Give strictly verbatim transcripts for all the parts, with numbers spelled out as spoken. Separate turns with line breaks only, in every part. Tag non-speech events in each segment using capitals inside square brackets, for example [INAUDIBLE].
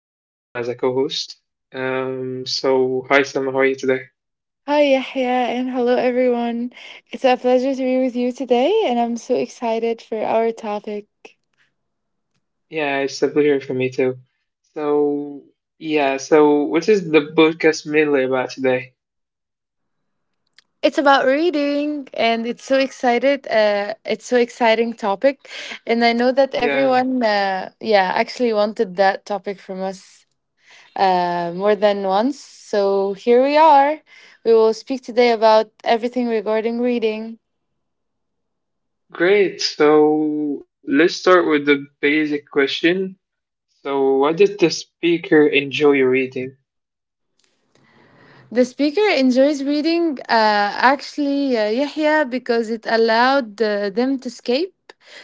Selma as a co host. Um, so, hi Selma, how are you today?
Hi, Yahya, and hello, everyone. It's a pleasure to be with you today, and I'm so excited for our topic.
Yeah, it's a pleasure for me too. So, yeah, so what is the podcast mainly about today?
It's about reading, and it's so excited. Uh, it's so exciting topic, and I know that
Yeah,
everyone, uh, yeah, actually wanted that topic from us uh, more than once. So here we are. We will speak today about everything regarding reading.
great. So, let's start with the basic question. So, why did the speaker enjoy reading?
The speaker enjoys reading, uh, actually, uh, Yahya, because it allowed uh, them to escape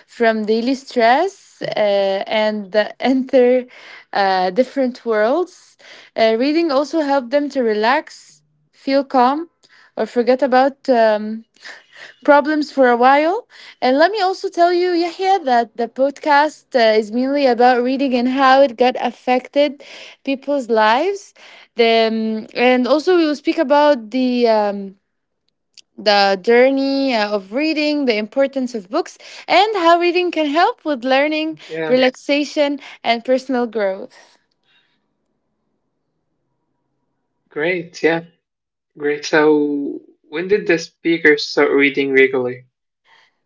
from daily stress uh, and uh, [LAUGHS] enter uh, different worlds. Uh, reading also helped them to relax, feel calm, or forget about um, [LAUGHS] problems for a while. And let me also tell you, Yahya, that the podcast uh, is mainly about reading and how it got affected people's lives. The um, and also we will speak about the um, the journey uh, of reading, the importance of books, and how reading can
Yeah,
help with learning, relaxation, and personal growth.
great. Yeah. Great. So when did the speaker start reading regularly?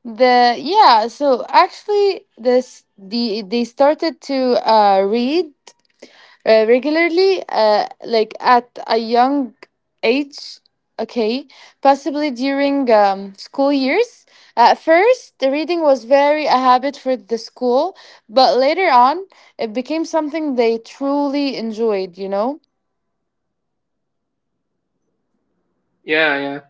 The yeah, so actually, this the they started to uh, read uh, regularly, uh, like at a young age, okay, possibly during um, school years. At first, the reading was very a habit for the school, but later on, it became something they truly enjoyed, you know?
Yeah, yeah.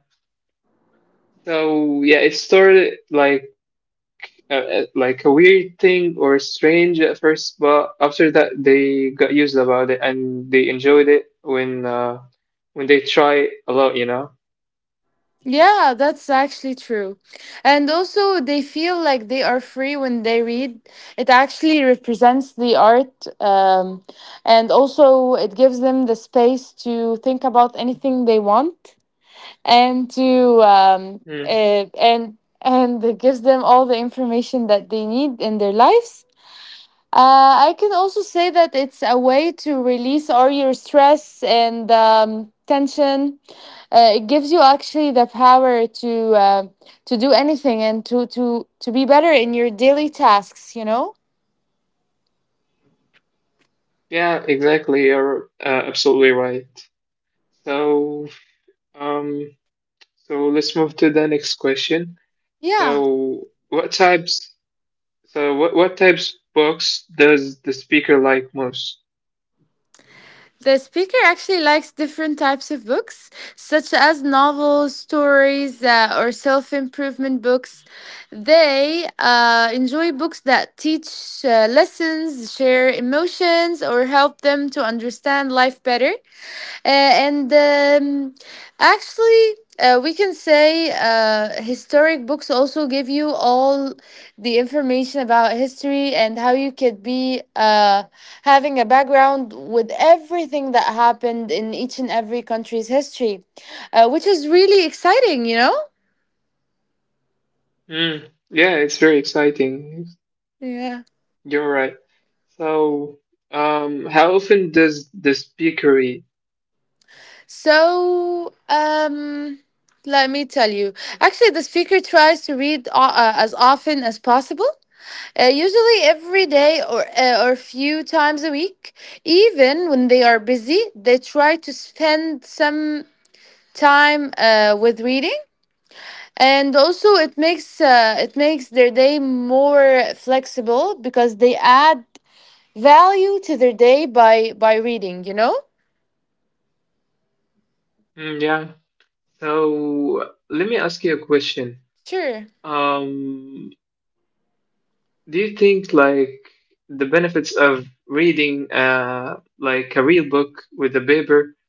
So yeah, it started like uh, uh, like a weird thing or strange at first, but after that they got used about it and they enjoyed it when uh, when they try it a lot, you know.
Yeah, that's actually true. And also, they feel like they are free when they read. It actually represents the art, um, and also, it gives them the space to think about anything they want. And to um,
Mm.
uh, and and it gives them all the information that they need in their lives. Uh, I can also say that it's a way to release all your stress and um, tension. Uh, it gives you actually the power to uh, to do anything and to to to be better in your daily tasks. You know.
Yeah, exactly. You're uh, absolutely right. So, um, so let's move to the next question.
Yeah.
So, what types? So, what what types of books does the speaker like most?
The speaker actually likes different types of books, such as novels, stories, uh, or self improvement books. They uh, enjoy books that teach uh, lessons, share emotions, or help them to understand life better. Uh, and um, actually, uh, we can say uh, historic books also give you all the information about history and how you could be uh, having a background with everything that happened in each and every country's history, uh, which is really exciting, you know?
Mm, yeah, it's very exciting.
Yeah.
You're right. So, um, how often does the speaker read?
So, um, let me tell you. Actually, the speaker tries to read uh, uh, as often as possible. Uh, usually every day or uh, or few times a week. Even when they are busy, they try to spend some time uh, with reading. And also, it makes uh, it makes their day more flexible because they add value to their day by by reading. You know.
Mm, yeah. So, let me ask you a question.
Sure.
Um, do you think like the benefits of reading uh like a real book with a paper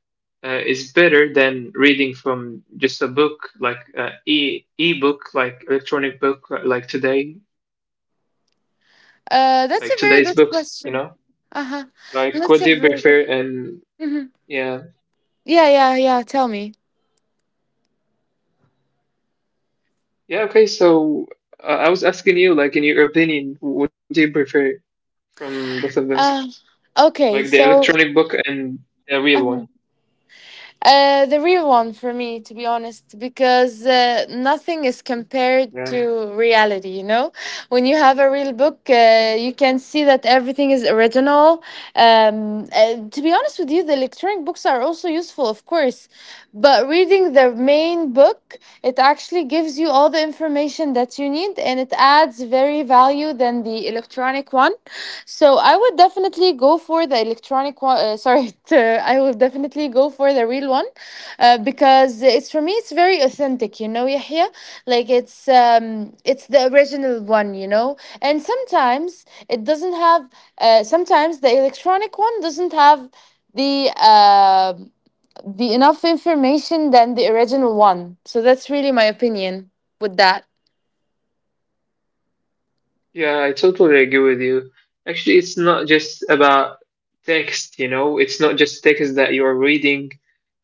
uh, is better than reading from just a book like uh, e e-book, like electronic book uh, like today, like
Uh, that's a
today's
very
books,
good
you know,
question. Uh huh.
like what do you
That's a very
prefer?
good.
And
Mhm.
yeah,
Yeah, yeah, yeah. Tell me.
yeah, okay. So uh, I was asking you, like, in your opinion what do you prefer from both of them,
Uh, okay.
like the
So.
electronic book and the real
Uh-huh.
one.
Uh, the real one for me, to be honest, because uh, nothing is compared to
Yeah.
reality. You know, when you have a real book, uh, you can see that everything is original. Um, uh, to be honest with you, the electronic books are also useful, of course, but reading the main book, it actually gives you all the information that you need, and it adds very value than the electronic one. So I would definitely go for the electronic one. Uh, sorry, [LAUGHS] t- I would definitely go for the real one uh, because it's for me it's very authentic. You know, Yahya, like it's um it's the original one. You know, and sometimes it doesn't have. Uh, sometimes the electronic one doesn't have the uh, the enough information than the original one. So that's really my opinion with that.
Yeah, I totally agree with you. Actually, it's not just about text, you know, it's not just text that you're reading.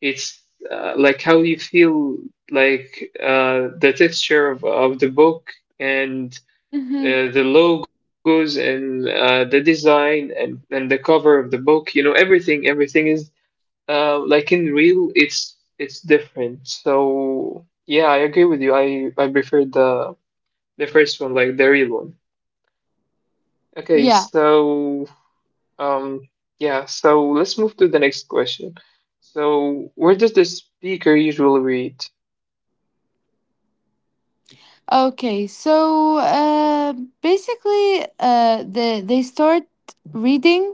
It's uh, like how you feel, like uh, the texture of, of the book and
Mm-hmm.
uh, the logos and uh, the design, and, and the cover of the book, you know, everything, everything is uh, like in real, it's it's different. So yeah, I agree with you. I I prefer the the first one, like the real one. Okay,
Yeah.
so um, yeah, so let's move to the next question. So where does the speaker usually read?
Okay, so uh, basically, uh, the, they start reading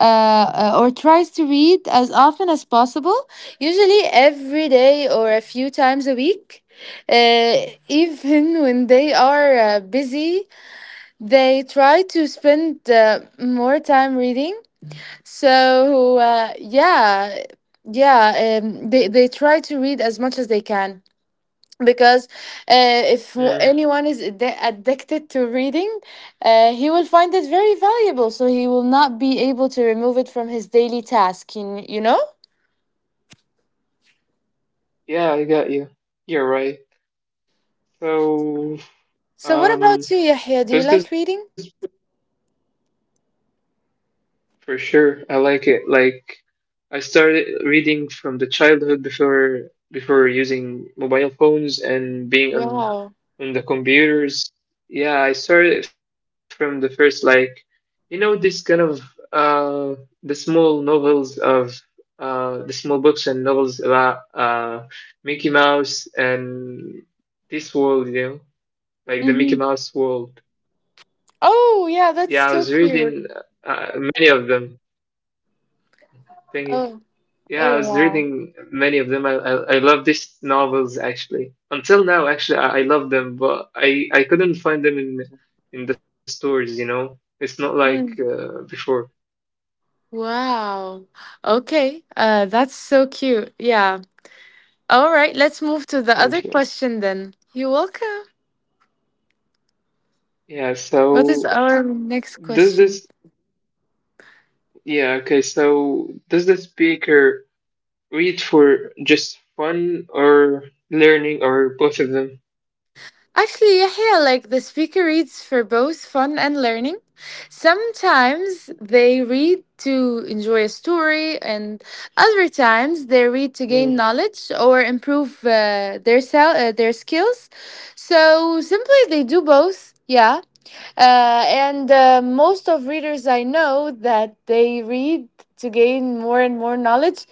uh, uh, or tries to read as often as possible, usually every day or a few times a week. Uh, even when they are uh, busy, they try to spend uh, more time reading. So uh, yeah, yeah, um, they they try to read as much as they can because uh, if
Hmm.
anyone is addi- addicted to reading, uh, he will find it very valuable. So he will not be able to remove it from his daily task. You, you know.
Yeah, I got you. You're right. So
So what
um,
about you, Yahya? Do you
does
like
this
reading?
for sure. I like it. Like I started reading from the childhood before before using mobile phones and being on
Wow.
on the computers. Yeah, I started from the first like, you know, this kind of uh the small novels of uh the small books and novels about uh Mickey Mouse and this world, you know, like the Mickey
Mm-hmm.
Mouse world.
Oh
Yeah, I was
yeah, that's so
reading
cute.
uh, many of them. Thank you.
Oh
Yeah, I was
oh wow.
reading many of them. I I, I love these novels actually. Until now, actually, I, I love them, but I I couldn't find them in in the stores. You know, it's not like
Mm.
uh, before.
Wow. Okay. Uh, that's so cute. Yeah. All right. Let's move to the other
Okay.
question then. You're welcome.
Yeah.
What is
So
our next
does
question?
this? Yeah. Okay. So does the speaker read for just fun or learning or both of them?
Actually, Yahya, like the speaker reads for both fun and learning. Sometimes they read to enjoy a story, and other times they read to
Mm,
gain knowledge or improve uh, their sel- uh, their skills. So simply, they do both. Yeah. Uh, and uh, most of readers I know that they read to gain more and more knowledge,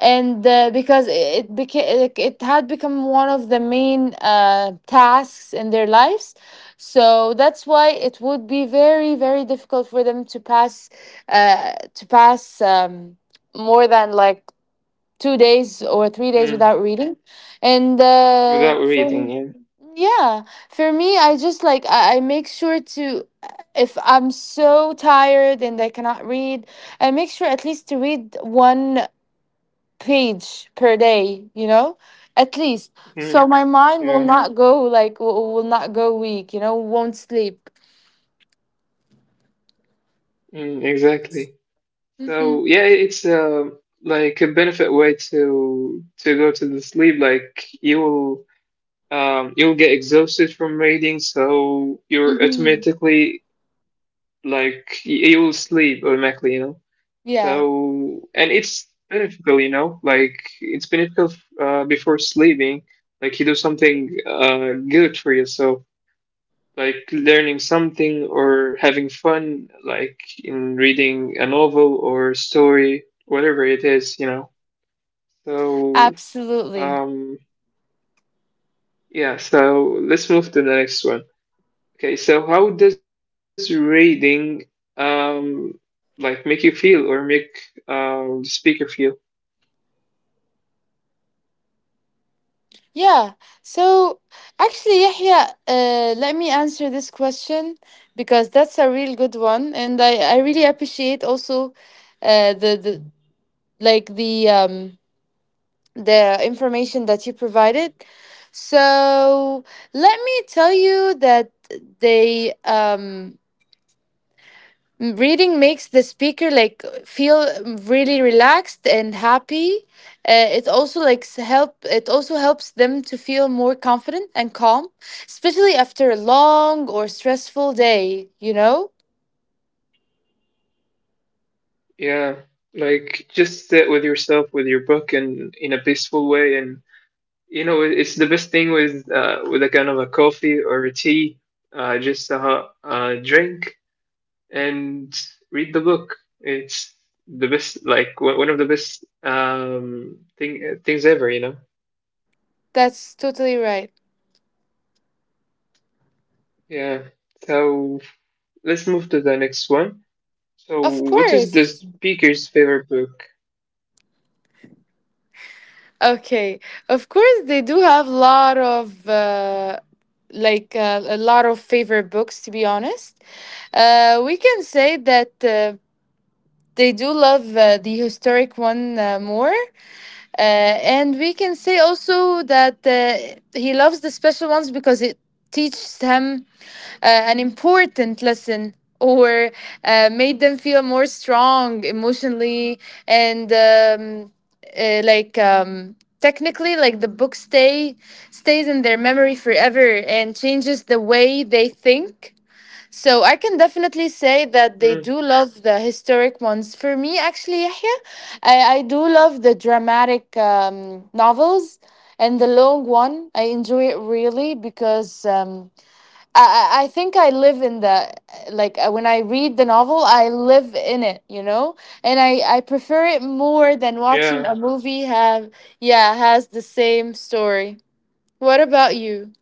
and uh, because it became it had become one of the main uh, tasks in their lives, so that's why it would be very very difficult for them to pass uh, to pass um, more than like two days or three days
mm,
without reading, and
without
uh,
reading,
for
yeah.
yeah, for me, I just like I, I make sure to, if I'm so tired and I cannot read, I make sure at least to read one page per day, you know? At least.
Mm,
So my mind will Yeah.
yeah.
not go like w- will not go weak, you know, won't sleep.
Mm, exactly.
Mhm.
So yeah, it's uh, like a benefit way to to go to the sleep. Like you will um, you'll get exhausted from reading, so you're
Mhm.
automatically like y- you will sleep automatically, you know.
Yeah,
So and it's beneficial, you know, like it's beneficial uh before sleeping. Like you do something uh good for yourself, like learning something or having fun, like in reading a novel or story, whatever it is, you know. So,
absolutely.
um, yeah, so let's move to the next one. Okay, so how does reading um, like make you feel or make um, the speaker feel?
Yeah. So actually, Yahya, uh, let me answer this question because that's a real good one, and I, I really appreciate also uh, the the like the um the information that you provided. So let me tell you that they um M- reading makes the speaker like feel really relaxed and happy. Uh, it also like s- help. It also helps them to feel more confident and calm, especially after a long or stressful day. You know,
Yeah, like just sit with yourself with your book and in a peaceful way and, you know, it's the best thing with uh, with a kind of a coffee or a tea, uh, just a hot uh, drink and read the book. It's the best, like one one of the best um, thing things ever, you know.
that's totally right.
Yeah. So let's move to the next one. So,
Of
what
course.
is the speaker's favorite book?
Okay, of course they do have a lot of uh, like uh, a lot of favorite books. To be honest, uh, we can say that uh, they do love uh, the historic one uh, more. Uh, and we can say also that uh, he loves the special ones because it teaches him uh, an important lesson or uh, made them feel more strong emotionally and um, uh, like um, technically, like the book stay stays in their memory forever and changes the way they think, so I can definitely say that they
Hmm.
do love the historic ones. For me, actually, Yahya, I, I do love the dramatic um, novels and the long one. I enjoy it really because um, I, I I think I live in the, like uh, when I read the novel, I live in it, you know? And I, I prefer it more than
Yeah.
watching a movie have, yeah, has the same story. What about you?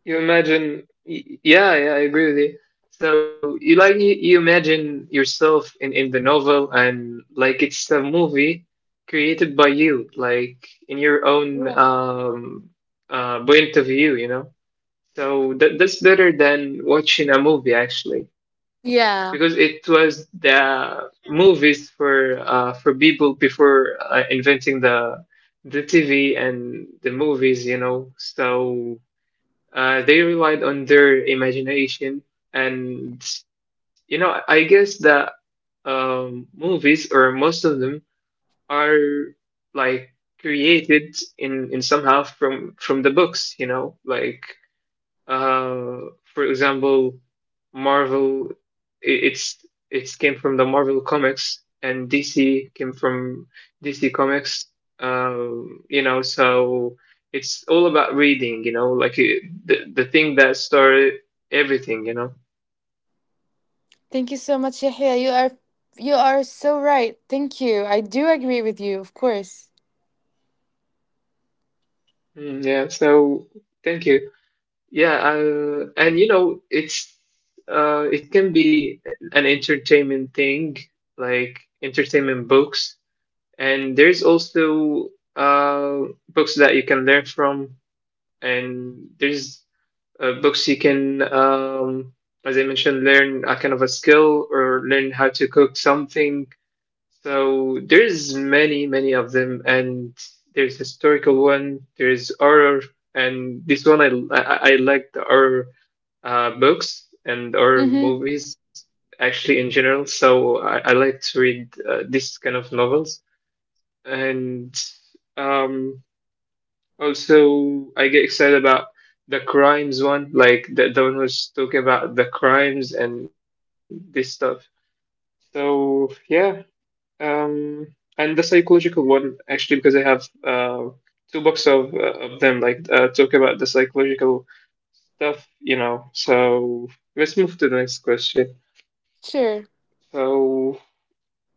You imagine, y- yeah, yeah, I agree with you. So you like you, you imagine yourself in in the novel and like it's a movie created by you, like in your own
Yeah.
um, uh point of view, you know. So that that's better than watching a movie actually, because it
Yeah.
was the movies for uh for people before uh, inventing the the T V and the movies, you know. So. Uh, they relied on their imagination, and you know, I guess that um, movies or most of them are like created in in somehow from from the books. You know, like uh, for example, Marvel i- it's it's came from the Marvel comics, and D C came from D C comics. Um, you know, so it's all about reading. You know, like it, the the thing that started everything. You know.
Thank you so much, Yahya. You are you are so right. Thank you. I do agree with you, of course.
Mm, yeah. So thank you. Yeah. Uh, and you know, it's uh, it can be an entertainment thing, like entertainment books. And there's also uh, books that you can learn from, and there's uh, books you can, um, as I mentioned, learn a kind of a skill or learn how to cook something. So there's many, many of them, and there's historical one, there's horror, and this one I I, I like the horror uh, books and horror
Mm-hmm.
movies actually in general. So I, I like to read uh, this kind of novels and um, also I get excited about the crimes one, like the the one who's talking about the crimes and this stuff. So yeah, um, and the psychological one actually because I have uh two books of uh, of them like uh, talk about the psychological stuff, you know. So let's move to the next question.
Sure.
So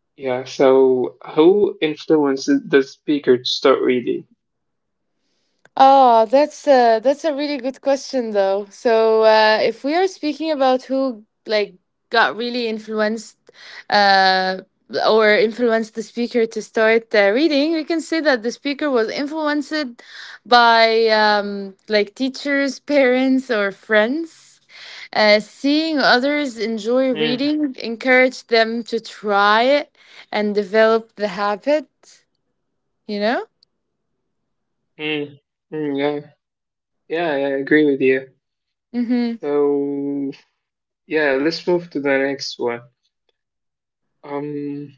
yeah, so who influences the speaker to start reading?
Oh, that's a that's a really good question though. So, uh, if we are speaking about who like got really influenced, uh, or influenced the speaker to start uh, reading, we can say that the speaker was influenced by um, like teachers, parents, or friends. Uh, seeing others
Mm,
enjoy reading encouraged them to try it and develop the habit. You know.
mm, mm, yeah. Yeah, I agree with you.
Mm-hmm.
So, yeah, let's move to the next one. Um,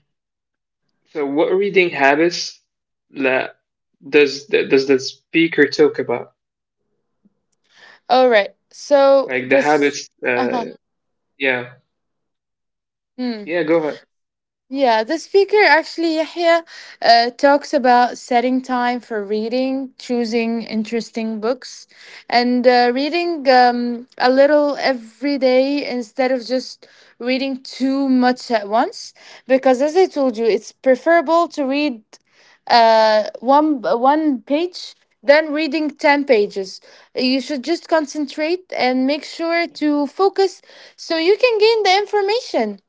so what reading habits that does that does the speaker talk about?
All right. So
Like the
this.
habits,
Uh
uh, yeah, yeah,
huh.
go ahead.
Yeah, the speaker actually, Yahya, uh, talks about setting time for reading, choosing interesting books, and uh, reading um, a little every day instead of just reading too much at once. Because, as I told you, it's preferable to read uh, one one page than reading ten pages. You should just concentrate and make sure to focus so you can gain the information.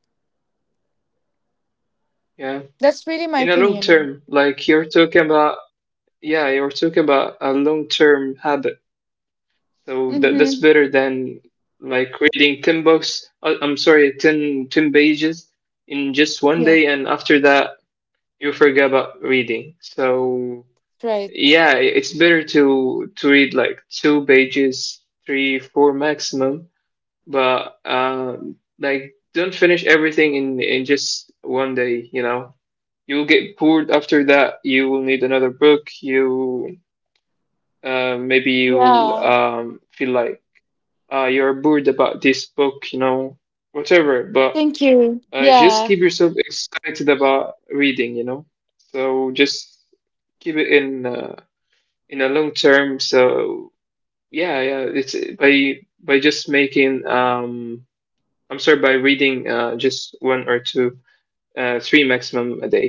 Yeah,
That's
in
really
a
my
long term,
opinion.
like you're talking about, yeah, you're talking about a long term habit. So that that's
Mm-hmm.
better than like reading ten books, uh, I'm sorry, ten ten pages in just one
Yeah,
day, and after that you forget about reading. So
right.
yeah, i- it's better to to read like two pages, three, four maximum, but um, like don't finish everything in in just one day. You know, you'll get bored after that. You will need another book. You uh, maybe you'll
Yeah.
um, feel like uh, you're bored about this book. You know, whatever. But
Thank you.
uh, just
Yeah.
keep yourself excited about reading, you know. So just keep it in uh, in a long term. So yeah, yeah. It's by by just making um, I'm sorry, by reading uh, just one or two, uh, three maximum a day.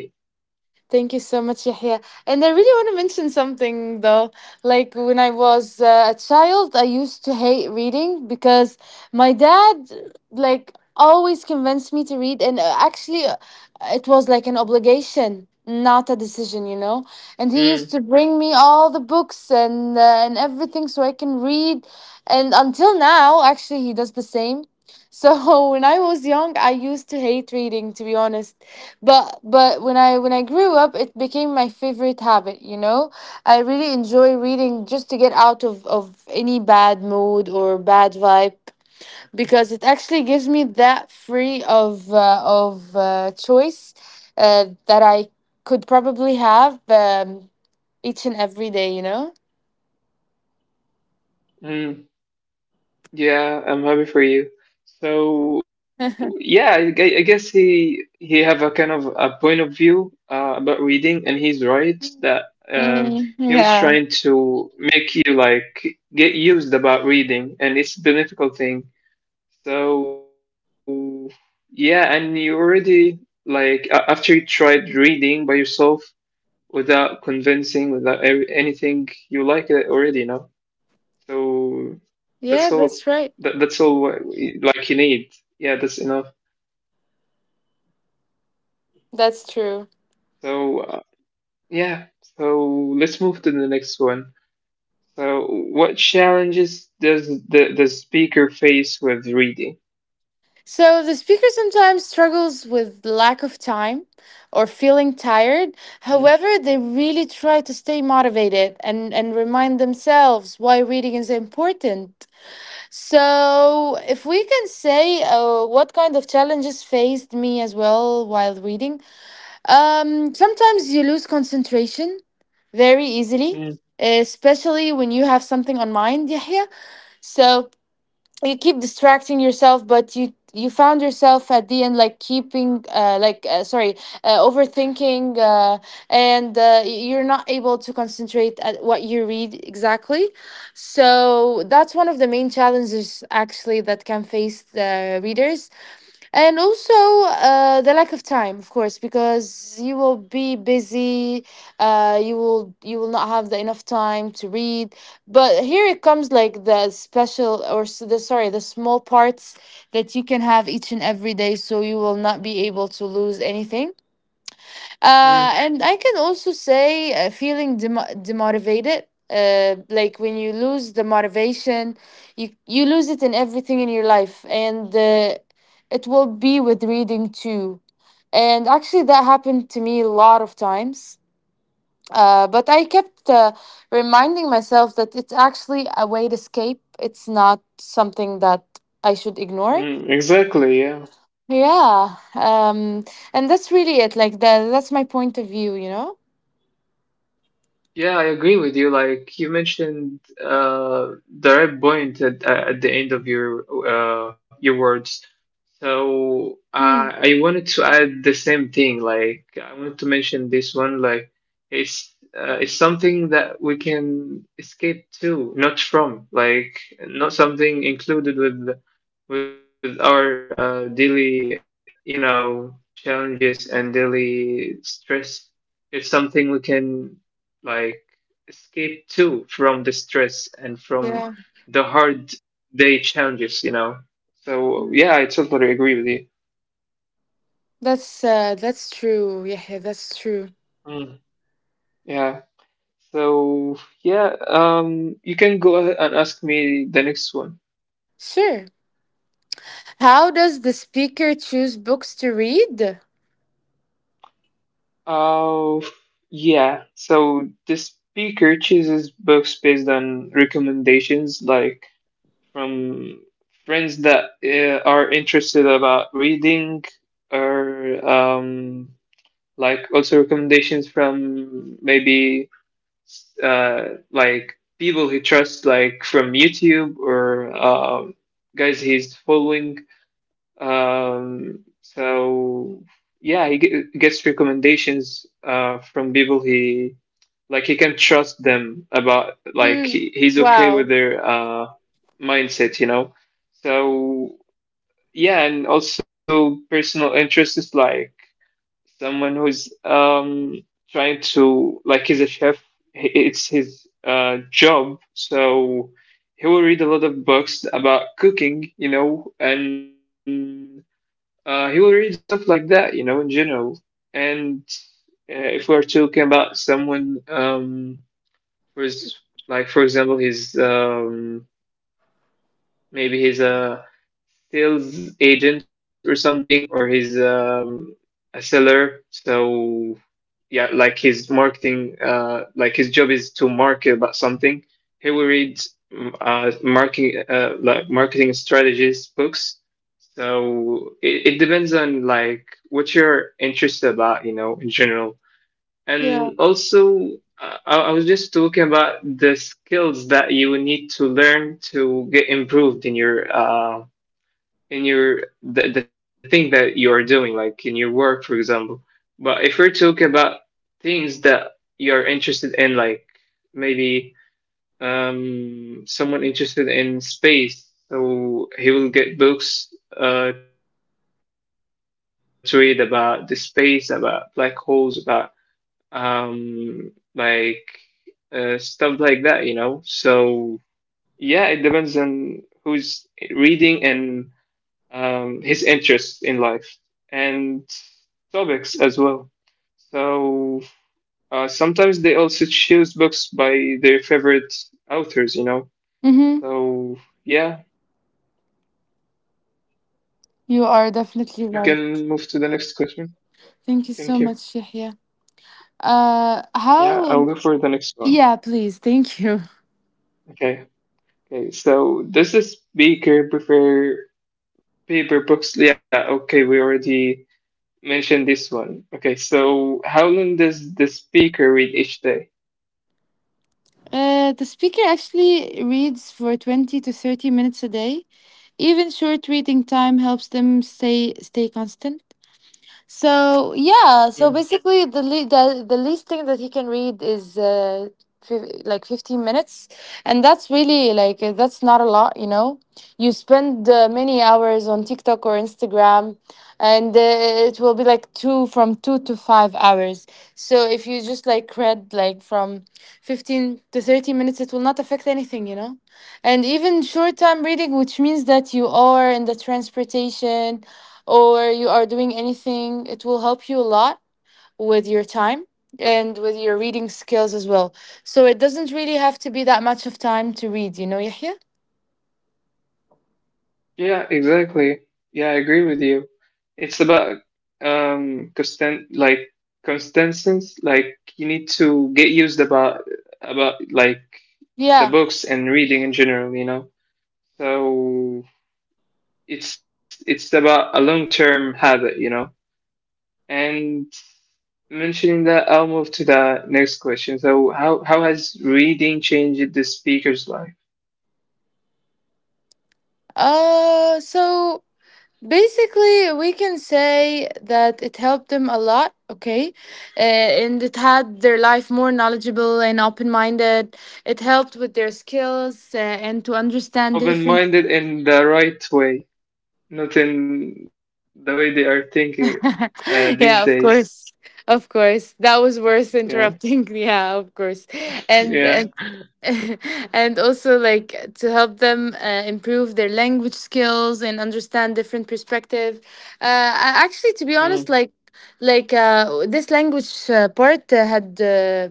Thank you so much, Yahya. And I really want to mention something though. Like when I was uh, a child, I used to hate reading because my dad, like, always convinced me to read. And uh, actually, uh, it was like an obligation, not a decision, you know? And he used to
Mm,
bring me all the books and, uh, and everything so I can read. And until now, actually, he does the same. So [LAUGHS] when I was young, I used to hate reading, to be honest, but but when i when i grew up it became my favorite habit, you know, I really enjoy reading just to get out of of any bad mood or bad vibe, because it actually gives me that free of uh, of uh, choice uh, that I could probably have um, each and every day, you know.
mm. Yeah, I'm happy for you. So yeah, I,
[LAUGHS]
gue- I guess he he have a kind of a point of view uh, about reading, and he's right that um, he
Mm,
was trying
yeah,
to make you like get used about reading, and it's been a difficult thing. So yeah, and you already like a- after you tried reading by yourself without convincing, without every, anything, you like it already, so that's
yeah
all.
that's right,
That, that's all what we- like you need. Yeah, that's enough.
that's true.
So uh, yeah. So let's move to the next one. So what challenges does the the speaker face with reading?
So the speaker sometimes struggles with lack of time or feeling tired.
Mm,
However, they really try to stay motivated and, and remind themselves why reading is important. So if we can say uh, what kind of challenges faced me as well while reading, um, sometimes you lose concentration very easily,
mm,
especially when you have something on mind, Yahya. So you keep distracting yourself but you you found yourself at the end like keeping uh, like uh, sorry uh, overthinking uh, and uh, you're not able to concentrate at what you read exactly, so that's one of the main challenges actually that can face the readers. And also uh, the lack of time, of course, because you will be busy. Uh, you will you will not have the enough time to read, but here it comes like the special or s- the sorry the small parts that you can have each and every day, so you will not be able to lose anything. Uh,
mm,
and I can also say uh, feeling dem- demotivated. Uh, like when you lose the motivation, you you lose it in everything in your life, and uh, it will be with reading too. And actually, that happened to me a lot of times. Uh, but I kept uh, reminding myself that it's actually a way to escape. It's not something that I should ignore.
mm. Exactly. Yeah.
Yeah. Um, and that's really it. Like that. That's my point of view. You know.
Yeah, I agree with you. Like you mentioned, uh, the right point at, at the end of your uh, your words. So uh,
Hmm.
I wanted to add the same thing. Like I wanted to mention this one. Like it's uh, it's something that we can escape to, not from. Like not something included with with our uh, daily, you know, challenges and daily stress. It's something we can like escape too from the stress and from
Yeah,
the hard day challenges, you know. So yeah, I
mm,
totally agree with you.
that's uh, that's true. Yeah, yeah, that's true.
Mm. Yeah. So yeah, um, you can go ahead and ask me the next one.
Sure. How does the speaker choose books to read?
Oh, yeah. So the speaker chooses books based on recommendations, like from friends that uh, are interested about reading or um, like also recommendations from maybe uh, like people he trusts, like from YouTube or um, guys he's following. Um, so yeah, he ge- gets recommendations uh, from people he like he can trust them about like
Mm.
he, he's okay with
Wow.
their uh, mindset, you know. So yeah, and also personal interests, like someone who's um trying to, like, he's a chef, he- it's his uh job, so he will read a lot of books about cooking, you know, and uh he will read stuff like that, you know, in general. And uh, if we're talking about someone, um who's, like, for example, he's um maybe he's a sales agent or something, or he's um a seller, so yeah, like his marketing, uh like his job is to market about something, he will read mm, uh marketing, uh like marketing strategies books. So it, it depends on like what you're interested about, you know, in general. And
Yeah.
also uh, I, I was just talking about the skills that you need to learn to get improved in your uh, in your the, the thing that you are doing, like in your work, for example. But if we're talking about things that you're interested in, like maybe um someone interested in space, so he will get books uh to read about the space, about black holes, about um like uh, stuff like that, you know. So yeah, it depends on who's reading and um, his interests in life and topics as well. So uh, sometimes they also choose books by their favorite authors, you know. So
Mm-hmm.
yeah,
You are
we can
definitely
move to
right.
the next question. Thank you.
Thank you so much, Yahya. Uh,
Yeah, I'll go
how?
for the next one.
Yeah, please. Thank you.
Okay. Okay. So does the speaker prefer paper books? Yeah. Okay. We already mention this one. Okay, so how long does the speaker read each day?
Uh, the speaker actually reads for twenty to thirty minutes a day. Even short reading time helps them stay stay constant. So yeah, so
Mm.
basically the le- the, the least thing that he can read is uh, fif- like fifteen minutes, and that's really like uh, that's not a lot, you know. You spend uh, many hours on TikTok or Instagram, and uh, it will be like two from two to five hours. So if you just like read like from fifteen to thirty minutes, it will not affect anything, you know. And even short time reading, which means that you are in the transportation or you are doing anything, it will help you a lot with your time and with your reading skills as well. So it doesn't really have to be that much of time to read, you know, Yahya?
Yeah, exactly. Yeah, I agree with you. It's about um constant, like consistency. Like you need to get used about about like the
Yeah.
books and reading in general, you know. So it's it's about a long term habit, you know. And mentioning that, I'll move to the next question. So, how how has reading changed the speaker's life?
Uh so basically we can say that it helped them a lot, okay? Uh, and it had their life more knowledgeable and open-minded. It helped with their skills uh, and to understand different…
Open-minded in the right way, not in the way they are thinking uh, these
[LAUGHS]
days.
Yeah, of course. Of course. That was worth
Yeah,
interrupting. [LAUGHS] Yeah, of course.
yeah.
And and [LAUGHS] and also like to help them uh, improve their language skills and understand different perspective. Uh, I- actually, to be
Mm,
honest, like like uh, this language uh, part uh, had uh,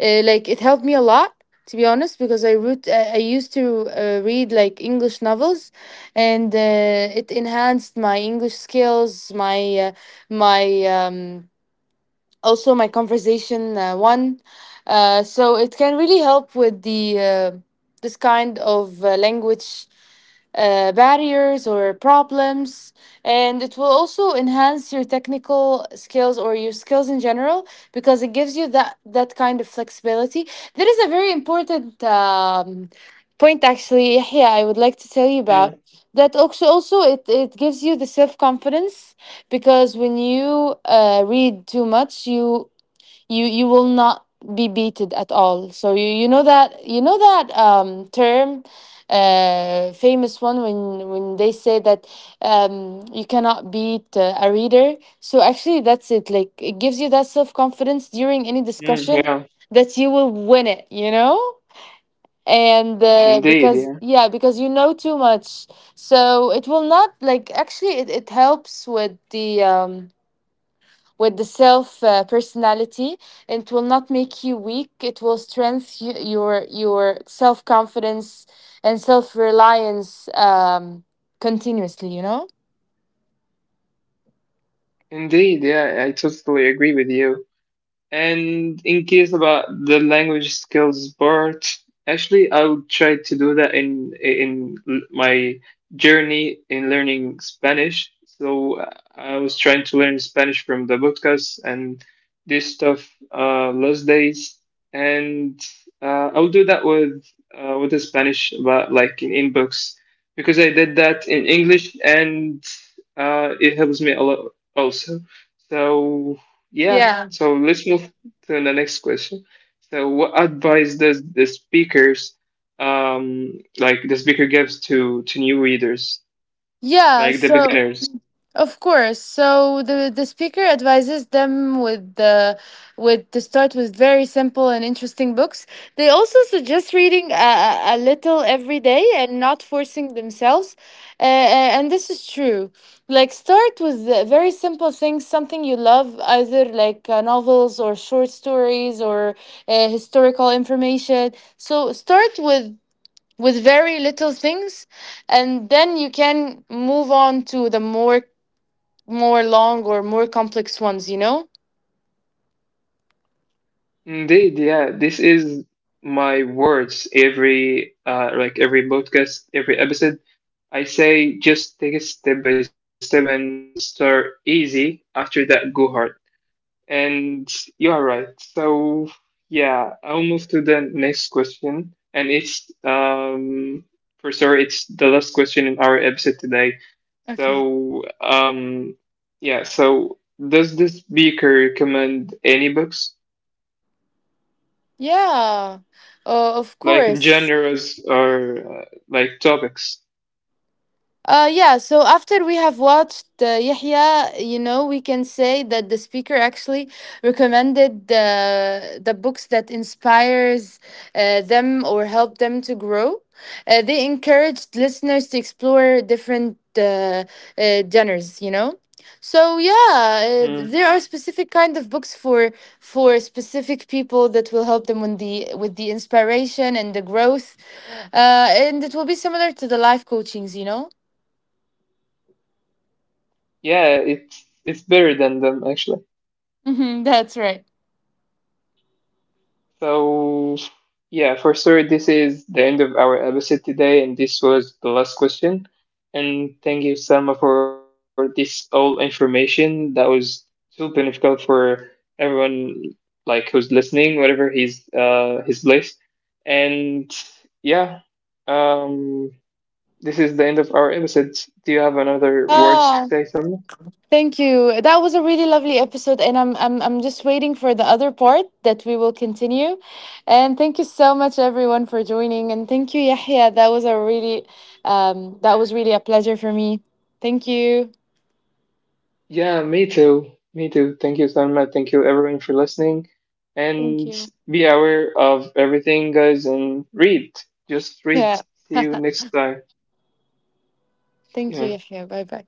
uh, like it helped me a lot, to be honest, because I root I I used to uh, read like english novels, and uh, it enhanced my english skills, my uh, my um, also my conversation uh, one. Uh, so it can really help with the uh, this kind of uh, language uh, barriers or problems, and it will also enhance your technical skills or your skills in general, because it gives you that that kind of flexibility. There is a very important um, point, actually, Yahya, I would like to tell you about,
mm,
that also also it, it gives you the self-confidence, because when you uh, read too much, you you you will not be beated at all. So you you know that, you know that um term, uh famous one, when when they say that um you cannot beat uh, a reader. So actually that's it, like it gives you that self confidence during any
mm. Yeah,
discussion, that you will win it, you know. And uh,
indeed. Yeah,
because yeah, because you know too much, so it will not like actually it, it helps with the um with the self uh, personality. It will not make you weak, it will strengthen y- your your self confidence and self reliance um continuously, you know.
indeed. Yeah, I totally agree with you. And in case about the language skills part, actually, I will try to do that in in my journey in learning Spanish. So uh, I was trying to learn Spanish from the podcast and this stuff uh, last days, and uh, I'll do that with uh, with the Spanish, but like in in books, because I did that in English and uh, it helps me a lot also. So yeah,
Yeah,
so let's move to the next question. So what advice does the speakers um like the speaker gives to to new readers,
yeah, so…
like the beginners?
Of course. So the the speaker advises them with the with to start with very simple and interesting books. They also suggest reading a, a a little every day and not forcing themselves. Uh, and this is true. Like start with the very simple things, something you love, either like uh, novels or short stories or uh, historical information. So start with with very little things, and then you can move on to the more more long or more complex ones, you know?
Indeed, yeah, this is my words every uh like every podcast, every episode. I say just take it step by step and start easy, after that go hard. And you are right. So yeah, I'll move to the next question, and it's um for sure it's the last question in our episode today.
Okay.
So um yeah, so does the speaker recommend any books
Yeah, uh, of
like
course.
genres or uh, like topics?
Uh, yeah, so after we have watched uh, Yahya, you know, we can say that the speaker actually recommended uh, the books that inspires uh, them or help them to grow. Uh, they encouraged listeners to explore different uh, uh, genres, you know. So yeah,
Hmm.
uh, there are specific kind of books for for specific people that will help them with the with the inspiration and the growth, uh, and it will be similar to the life coachings, you know.
Yeah, it's it's better than them actually.
Hmm, that's right.
So, yeah, for sure, this is the end of our episode today, and this was the last question. And thank you, Selma, for this all information. That was too beneficial for everyone, like who's listening, whatever his uh his place. And yeah, um, this is the end of our episode. Do you have another words to
Oh,
say, Selma?
thank you. That was a really lovely episode, and I'm I'm I'm just waiting for the other part that we will continue. And thank you so much, everyone, for joining. And thank you, Yahya. That was a really um that was really a pleasure for me. Thank you.
Yeah, me too. Me too. Thank you, Salma. Thank you, everyone, for listening.
Thank
And
you.
be aware of everything, guys, and read. Just
Yeah.
read. See you next time.
[LAUGHS] Thank you,
Yeah.
Yahya. Bye bye.